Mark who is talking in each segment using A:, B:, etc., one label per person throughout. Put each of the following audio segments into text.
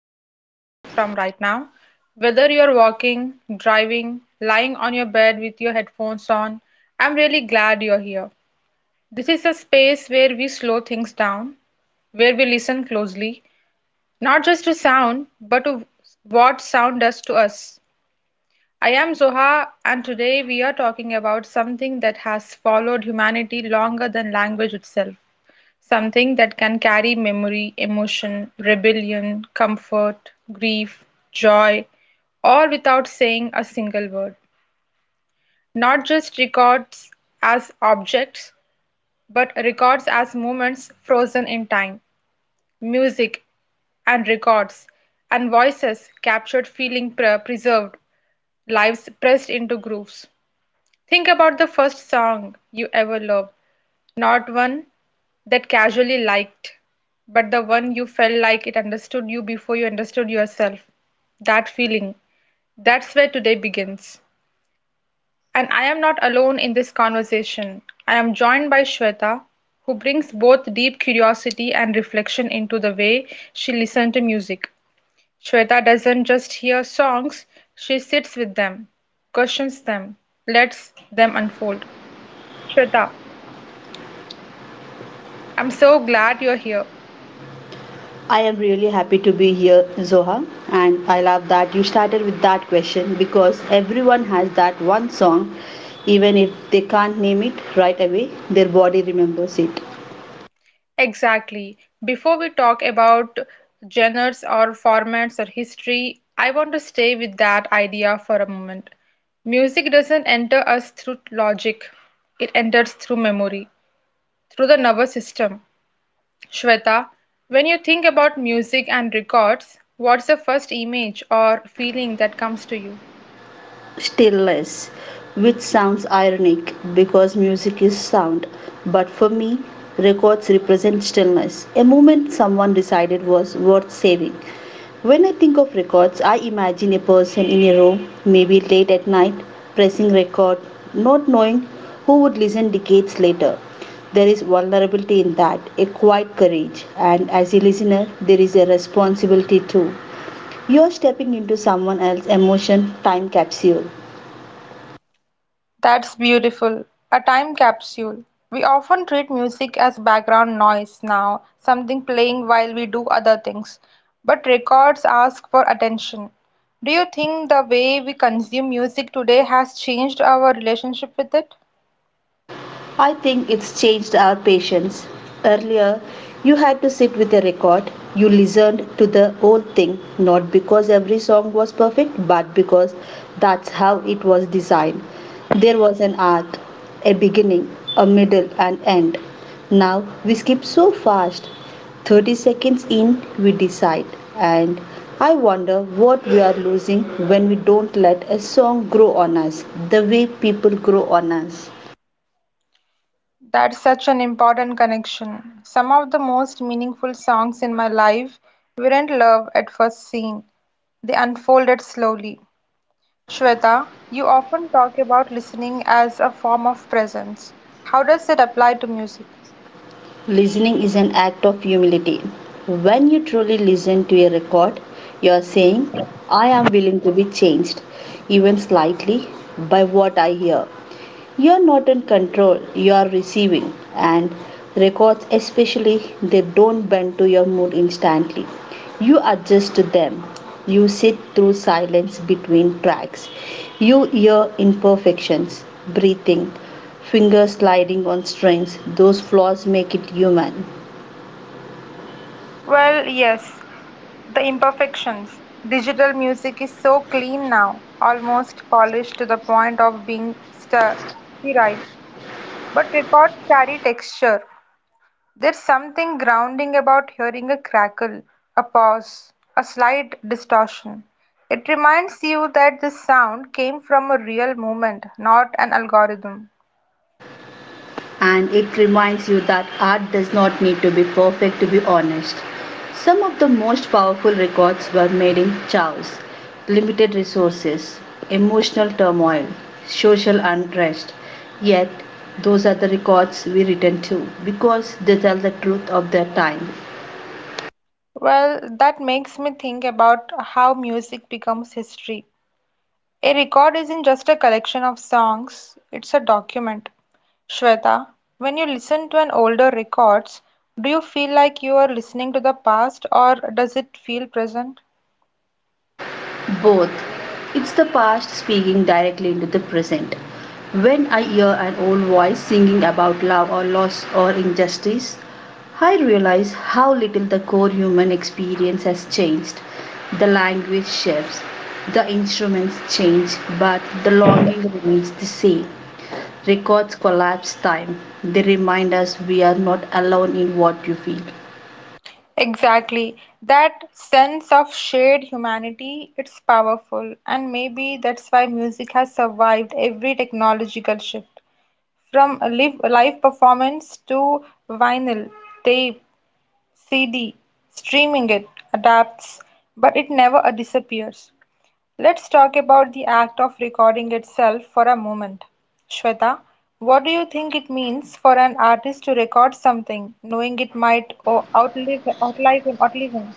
A: Wherever you're listening from right now, whether you're walking, driving, lying on your bed with your headphones on, I'm really glad you're here. This is a space where we slow things down, where we listen closely, not just to sound, but to what sound does to us. I am Zoha, and today we are talking about something that has followed humanity longer than language itself. Something that can carry memory, emotion, rebellion, comfort, grief, joy, all without saying a single word. Not just records as objects, but records as moments frozen in time. Music and records and voices captured, feeling preserved, lives pressed into grooves. Think about the first song you ever loved. Not one that casually liked, but the one you felt like it understood you before you understood yourself. That feeling. That's where today begins. And I am not alone in this conversation. I am joined by Shweta, who brings both deep curiosity and reflection into the way she listens to music. Shweta doesn't just hear songs, she sits with them, questions them, lets them unfold. Shweta, I'm so glad you're here.
B: I am really happy to be here, Zoha, and I love that you started with that question because everyone has that one song, even if they can't name it right away, their body remembers it.
A: Exactly. Before we talk about genres or formats or history, I want to stay with that idea for a moment. Music doesn't enter us through logic, it enters through memory, through the nervous system. Shweta, when you think about music and records, what's the first image or feeling that comes to you?
B: Stillness, which sounds ironic because music is sound, but for me, records represent stillness, a moment someone decided was worth saving. When I think of records, I imagine a person in a room, maybe late at night, pressing record, not knowing who would listen decades later. There is vulnerability in that, a quiet courage, and as a listener, there is a responsibility too. You are stepping into someone else's emotion time capsule.
A: That's beautiful. A time capsule. We often treat music as background noise now, something playing while we do other things. But records ask for attention. Do you think the way we consume music today has changed our relationship with it?
B: I think it's changed our patience. Earlier, you had to sit with a record. You listened to the whole thing, not because every song was perfect, but because that's how it was designed. There was an arc, a beginning, a middle, and end. Now we skip so fast. 30 seconds in, we decide. And I wonder what we are losing when we don't let a song grow on us the way people grow on us.
A: That's such an important connection. Some of the most meaningful songs in my life weren't love at first seen, they unfolded slowly. Shweta, you often talk about listening as a form of presence. How does it apply to music?
B: Listening is an act of humility. When you truly listen to a record, you are saying, I am willing to be changed, even slightly, by what I hear. You're not in control, you are receiving. And records, especially, they don't bend to your mood instantly. You adjust to them. You sit through silence between tracks. You hear imperfections, breathing, fingers sliding on strings. Those flaws make it human.
A: Well, yes, the imperfections. Digital music is so clean now, almost polished to the point of being sterile. But records carry texture. There's something grounding about hearing a crackle, a pause, a slight distortion. It reminds you that this sound came from a real moment, not an algorithm.
B: And it reminds you that art does not need to be perfect to be honest. Some of the most powerful records were made in chaos, limited resources, emotional turmoil, social unrest. Yet, those are the records we return to because they tell the truth of their time.
A: Well, that makes me think about how music becomes history. A record isn't just a collection of songs, it's a document. Shweta, when you listen to an older records, do you feel like you are listening to the past or does it feel present?
B: Both. It's the past speaking directly into the present. When I hear an old voice singing about love or loss or injustice, I realize how little the core human experience has changed. The language shifts, the instruments change, but the longing remains the same. Records collapse time. They remind us we are not alone in what you feel.
A: Exactly. That sense of shared humanity, it's powerful, and maybe that's why music has survived every technological shift. From a live performance to vinyl, tape, CD, streaming, it adapts, but it never disappears. Let's talk about the act of recording itself for a moment. Shweta, what do you think it means for an artist to record something, knowing it might outlive him?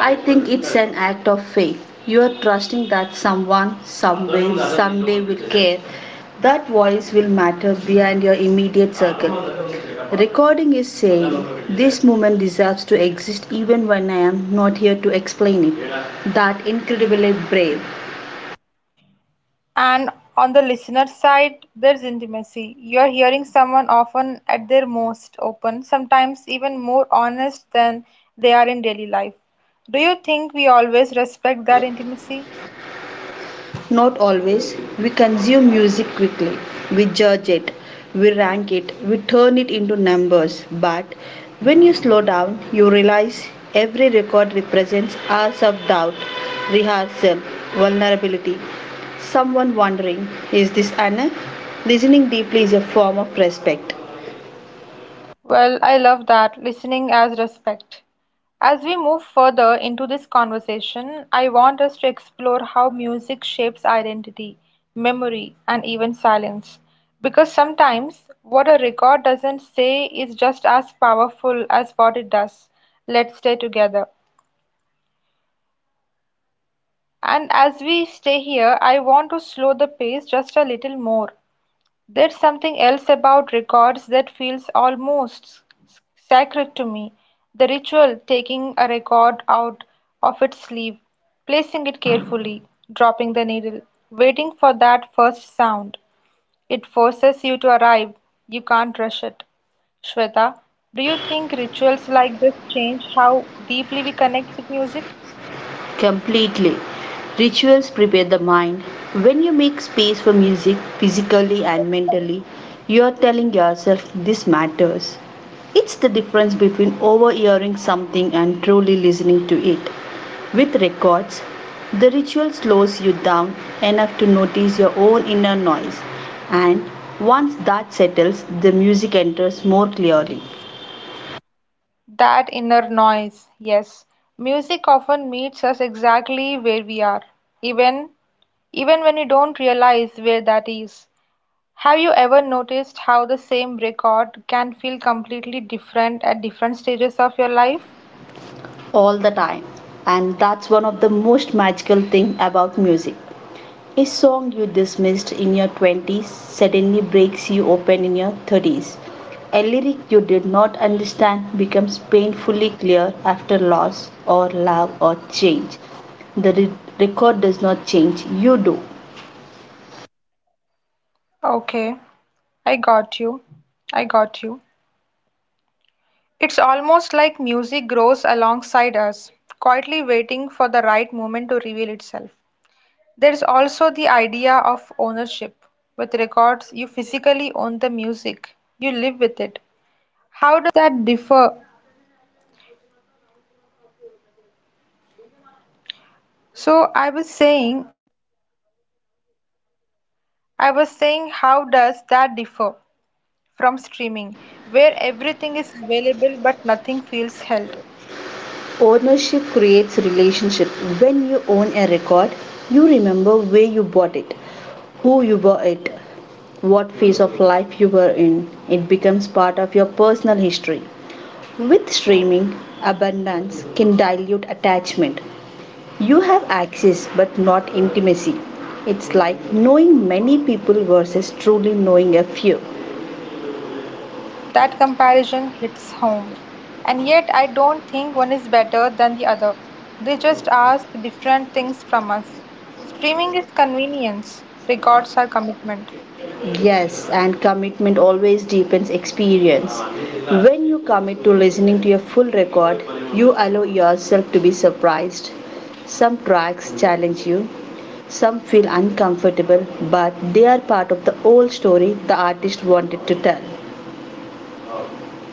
B: I think it's an act of faith. You are trusting that someone, somewhere, someday will care. That voice will matter beyond your immediate circle. Recording is saying, this moment deserves to exist even when I am not here to explain it. That incredibly brave.
A: And on the listener side, there's intimacy. You're hearing someone often at their most open, sometimes even more honest than they are in daily life. Do you think we always respect that intimacy?
B: Not always. We consume music quickly. We judge it. We rank it. We turn it into numbers. But when you slow down, you realize every record represents hours of doubt, rehearsal, vulnerability. Someone wondering, is this enough? Listening deeply is a form of respect.
A: Well, I love that, listening as respect. As we move further into this conversation, I want us to explore how music shapes identity, memory, and even silence. Because sometimes what a record doesn't say is just as powerful as what it does. Let's stay together. And as we stay here, I want to slow the pace just a little more. There's something else about records that feels almost sacred to me. The ritual, taking a record out of its sleeve, placing it carefully, dropping the needle, waiting for that first sound. It forces you to arrive. You can't rush it. Shweta, do you think rituals like this change how deeply we connect with music?
B: Completely. Rituals prepare the mind. When you make space for music physically and mentally, you are telling yourself this matters. It's the difference between overhearing something and truly listening to it. With records, the ritual slows you down enough to notice your own inner noise, and once that settles, the music enters more clearly.
A: That inner noise, yes. Music often meets us exactly where we are, even even when you don't realize where that is. Have you ever noticed how the same record can feel completely different at different stages of your life?
B: All the time. And that's one of the most magical things about music. A song you dismissed in your 20s suddenly breaks you open in your 30s. A lyric you did not understand becomes painfully clear after loss or love or change. The record does not change, you do.
A: It's almost like music grows alongside us, quietly waiting for the right moment to reveal itself. There's also the idea of ownership. With records, you physically own the music, you live with it. That differ from streaming, where everything is available but nothing feels held.
B: Ownership creates relationship. When you own a record, you remember where you bought it, who you were it, what phase of life you were in. It becomes part of your personal history. With streaming, abundance can dilute attachment. You have access but not intimacy. It's like knowing many people versus truly knowing a few.
A: That comparison hits home. And yet, I don't think one is better than the other. They just ask different things from us. Streaming is convenience, records are commitment.
B: Yes, and commitment always deepens experience. When you commit to listening to a full record, you allow yourself to be surprised. Some tracks challenge you, some feel uncomfortable, but they are part of the whole story the artist wanted to tell.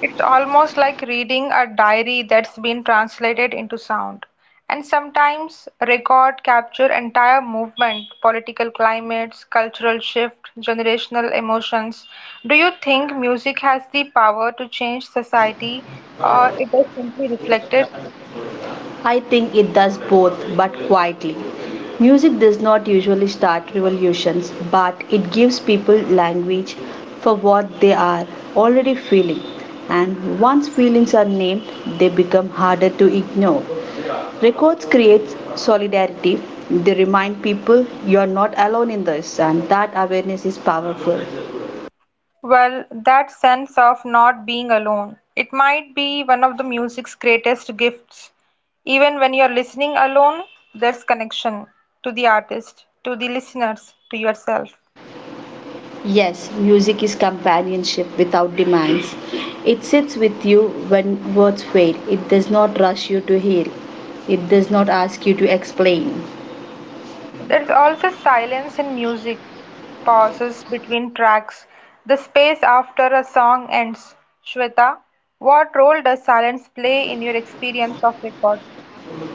A: It's almost like reading a diary that's been translated into sound. And sometimes record capture entire movement, political climates, cultural shift, generational emotions. Do you think music has the power to change society or it does simply reflect it?
B: I think it does both, but quietly. Music does not usually start revolutions, but it gives people language for what they are already feeling. And once feelings are named, they become harder to ignore. Records create solidarity. They remind people you are not alone in this, and that awareness is powerful.
A: Well, that sense of not being alone. It might be one of the music's greatest gifts. Even when you're listening alone, there's connection to the artist, to the listeners, to yourself.
B: Yes, music is companionship without demands. It sits with you when words fail. It does not rush you to heal. It does not ask you to explain.
A: There's also silence in music, pauses between tracks, the space after a song ends. Shweta, what role does silence play in your experience of record?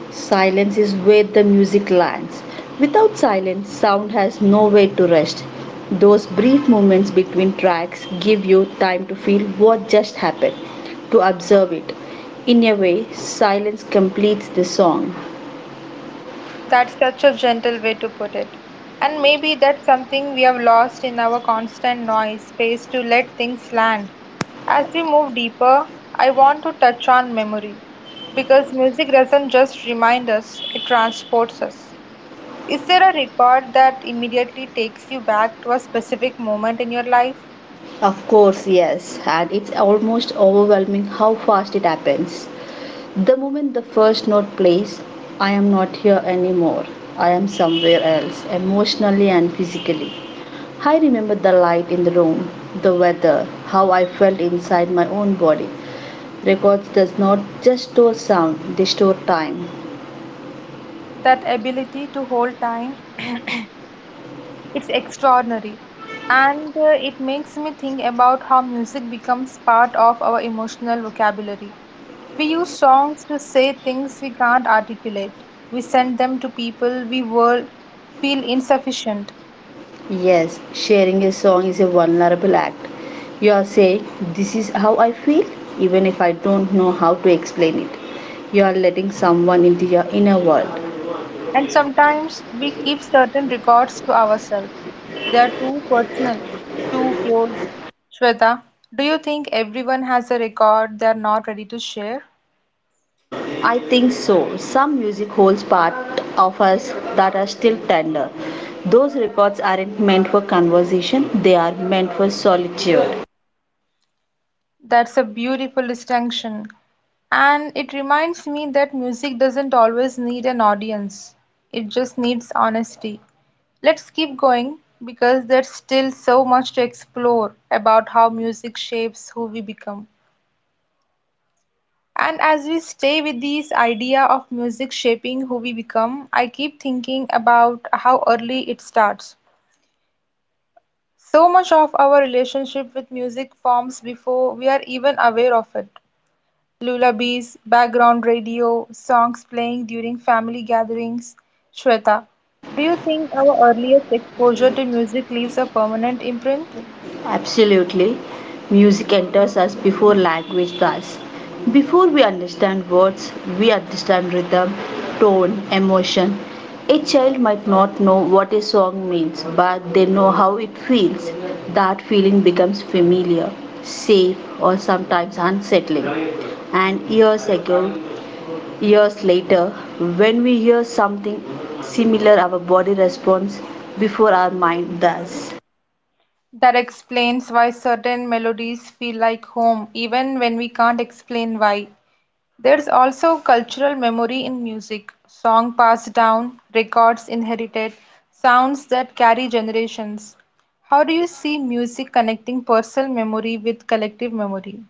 B: Silence is where the music lands. Without silence, sound has nowhere to rest. Those brief moments between tracks give you time to feel what just happened, to observe it. In a way, silence completes the song.
A: That's such a gentle way to put it. And maybe that's something we have lost in our constant noise, space to let things land. As we move deeper, I want to touch on memory, because music doesn't just remind us, it transports us. Is there a record that immediately takes you back to a specific moment in your life?
B: Of course, yes, and it's almost overwhelming how fast it happens. The moment the first note plays, I am not here anymore. I am somewhere else, emotionally and physically. I remember the light in the room, the weather, how I felt inside my own body. Records does not just store sound, they store time.
A: That ability to hold time, it's extraordinary. And it makes me think about how music becomes part of our emotional vocabulary. We use songs to say things we can't articulate. We send them to people we will feel insufficient.
B: Yes, sharing a song is a vulnerable act. You are saying, this is how I feel, even if I don't know how to explain it. You are letting someone into your inner world.
A: And sometimes we keep certain records to ourselves. They are too personal, too close. Shweta, do you think everyone has a record they are not ready to share?
B: I think so. Some music holds part of us that are still tender. Those records aren't meant for conversation, they are meant for solitude.
A: That's a beautiful distinction. And it reminds me that music doesn't always need an audience, it just needs honesty. Let's keep going, because there's still so much to explore about how music shapes who we become. And as we stay with this idea of music shaping who we become, I keep thinking about how early it starts. So much of our relationship with music forms before we are even aware of it. Lullabies, background radio, songs playing during family gatherings. Shweta, do you think our earliest exposure to music leaves a permanent imprint?
B: Absolutely. Music enters us before language does. Before we understand words, we understand rhythm, tone, emotion. A child might not know what a song means, but they know how it feels. That feeling becomes familiar, safe, or sometimes unsettling. And years later, when we hear something similar, our body responds before our mind does.
A: That explains why certain melodies feel like home, even when we can't explain why. There's also cultural memory in music, song passed down, records inherited, sounds that carry generations. How do you see music connecting personal memory with collective memory?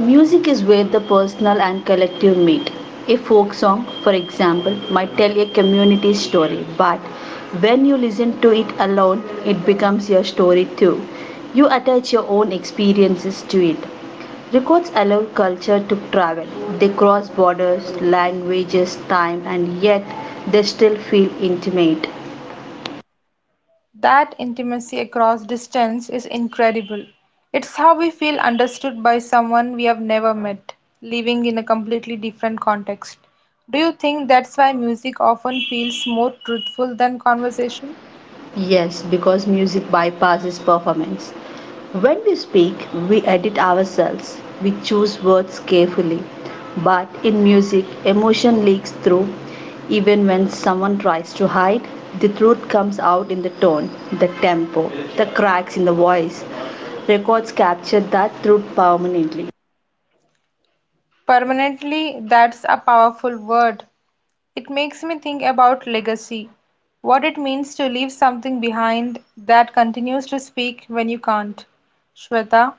B: Music is where the personal and collective meet. A folk song, for example, might tell a community story, but when you listen to it alone, it becomes your story too. You attach your own experiences to it. Records allow culture to travel. They cross borders, languages, time, and yet they still feel intimate.
A: That intimacy across distance is incredible. It's how we feel understood by someone we have never met, living in a completely different context. Do you think that's why music often feels more truthful than conversation?
B: Yes, because music bypasses performance. When we speak, we edit ourselves, we choose words carefully. But in music, emotion leaks through. Even when someone tries to hide, the truth comes out in the tone, the tempo, the cracks in the voice. Records capture that truth permanently.
A: Permanently, that's a powerful word. It makes me think about legacy, what it means to leave something behind that continues to speak when you can't. Shweta,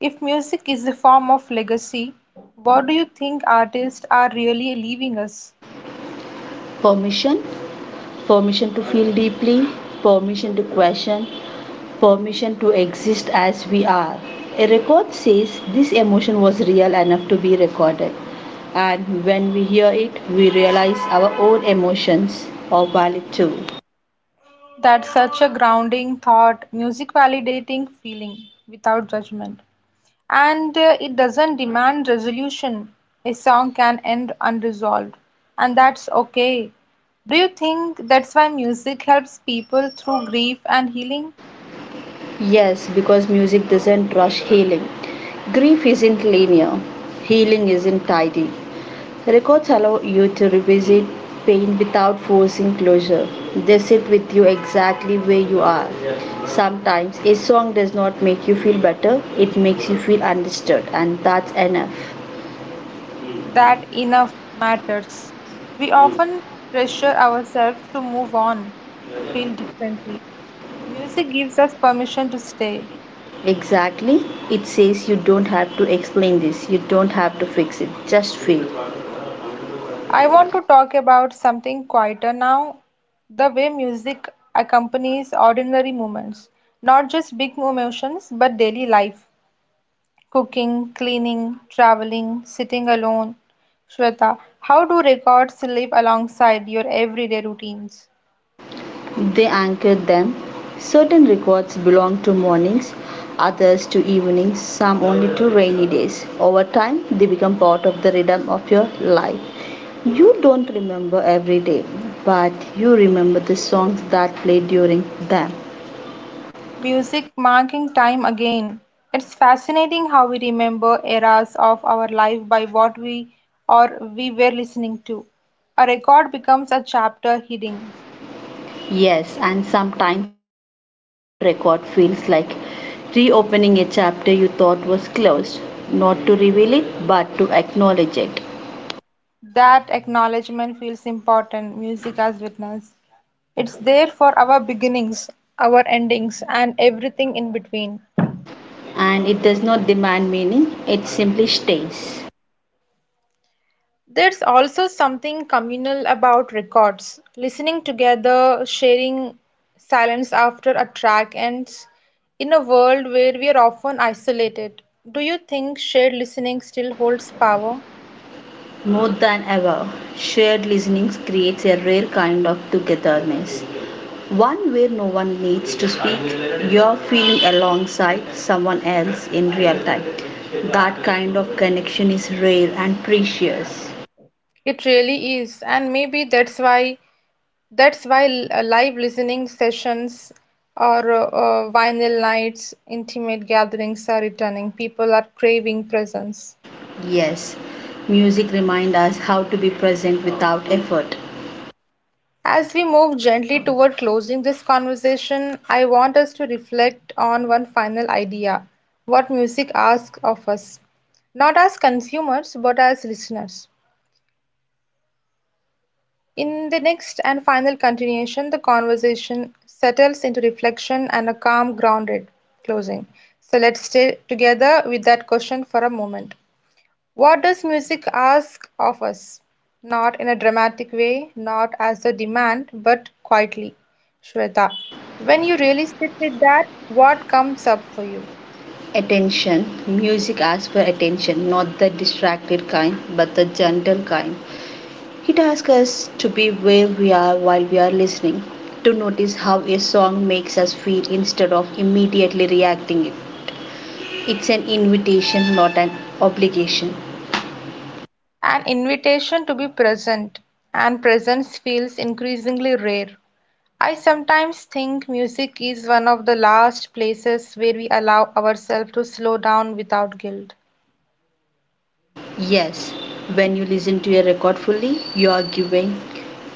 A: if music is a form of legacy, what do you think artists are really leaving us?
B: Permission permission, to feel deeply, permission to question, permission to exist as we are. A record says this emotion was real enough to be recorded, and when we hear it, we realize our own emotions are valid too.
A: That's such a grounding thought, music validating feeling without judgment. And it doesn't demand resolution. A song can end unresolved, and that's okay. Do you think that's why music helps people through grief and healing?
B: Yes, because music doesn't rush healing. Grief isn't linear, healing isn't tidy. Records allow you to revisit pain without forcing closure. They sit with you exactly where you are. Sometimes a song does not make you feel better, it makes you feel understood, and that's enough.
A: That enough matters. We often pressure ourselves to move on, to feel differently. Music gives us permission to stay.
B: Exactly, it says you don't have to explain this, you don't have to fix it, just feel.
A: I want to talk about something quieter now, the way music accompanies ordinary moments, not just big emotions, but daily life. Cooking, cleaning, traveling, sitting alone. Shweta, how do records live alongside your everyday routines?
B: They anchored them. Certain records belong to mornings, others to evenings, some only to rainy days. Over time, they become part of the rhythm of your life. You don't remember every day, but you remember the songs that play during them.
A: Music marking time again. It's fascinating how we remember eras of our life by what we or we were listening to. A record becomes a chapter hidden.
B: Yes, and sometimes returning to an old record feels like reopening a chapter you thought was closed, not to reveal it, but to acknowledge it.
A: That acknowledgement feels important, music as witness. It's there for our beginnings, our endings, and everything in between.
B: And it does not demand meaning, it simply stays.
A: There's also something communal about records. Listening together, sharing silence after a track ends, in a world where we are often isolated. Do you think shared listening still holds power?
B: More than ever, shared listening creates a rare kind of togetherness, one where no one needs to speak. You're feeling alongside someone else in real time. That kind of connection is rare and precious.
A: It really is, and maybe that's why live listening sessions or vinyl nights, intimate gatherings are returning. People are craving presence.
B: Yes, music reminds us how to be present without effort.
A: As we move gently toward closing this conversation, I want us to reflect on one final idea, what music asks of us, not as consumers, but as listeners. In the next and final continuation, the conversation settles into reflection and a calm, grounded closing. So let's stay together with that question for a moment. What does music ask of us? Not in a dramatic way, not as a demand, but quietly. Shweta, when you really sit with that, what comes up for you?
B: Attention. Music asks for attention, not the distracted kind, but the gentle kind. He asks us to be where we are while we are listening, to notice how a song makes us feel instead of immediately reacting it. It's an invitation, not an obligation.
A: An invitation to be present, and presence feels increasingly rare. I sometimes think music is one of the last places where we allow ourselves to slow down without guilt.
B: Yes, when you listen to a record fully, you are giving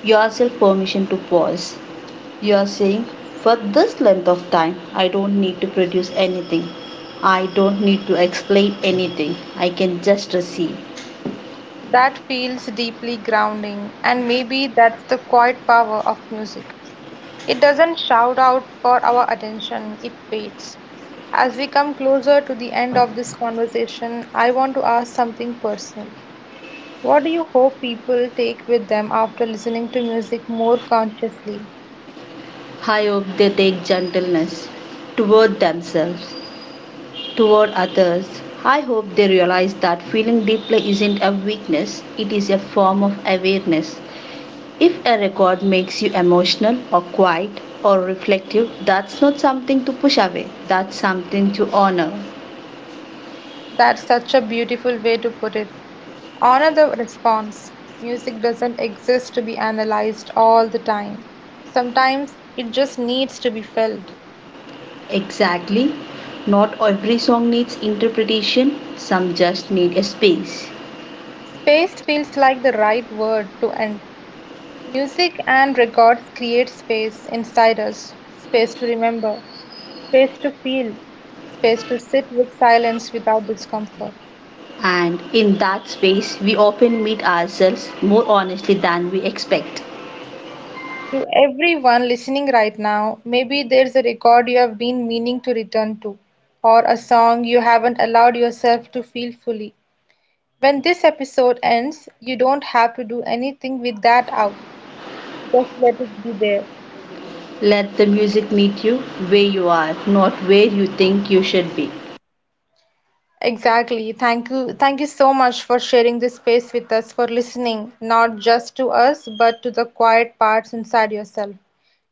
B: yourself permission to pause. You are saying, for this length of time, I don't need to produce anything. I don't need to explain anything. I can just receive.
A: That feels deeply grounding, and maybe that's the quiet power of music. It doesn't shout out for our attention, it waits. As we come closer to the end of this conversation, I want to ask something personal. What do you hope people take with them after listening to music more consciously?
B: I hope they take gentleness toward themselves toward others. I hope they realize that feeling deeply isn't a weakness, it is a form of awareness. If a record makes you emotional or quiet or reflective, that's not something to push away, that's something to honor.
A: That's such a beautiful way to put it. Honor the response. Music doesn't exist to be analyzed all the time. Sometimes it just needs to be felt.
B: Exactly. Not every song needs interpretation, some just need a space.
A: Space feels like the right word to end. Music and records create space inside us, space to remember, space to feel, space to sit with silence without discomfort.
B: And in that space, we often meet ourselves more honestly than we expect.
A: To everyone listening right now, maybe there's a record you have been meaning to return to, or a song you haven't allowed yourself to feel fully. When this episode ends, you don't have to do anything with that out. Just let it be there.
B: Let the music meet you where you are, not where you think you should be.
A: Exactly. Thank you. Thank you so much for sharing this space with us, for listening, not just to us, but to the quiet parts inside yourself.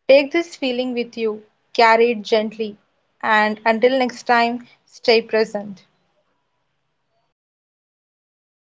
A: Take this feeling with you, carry it gently, and until next time, stay present.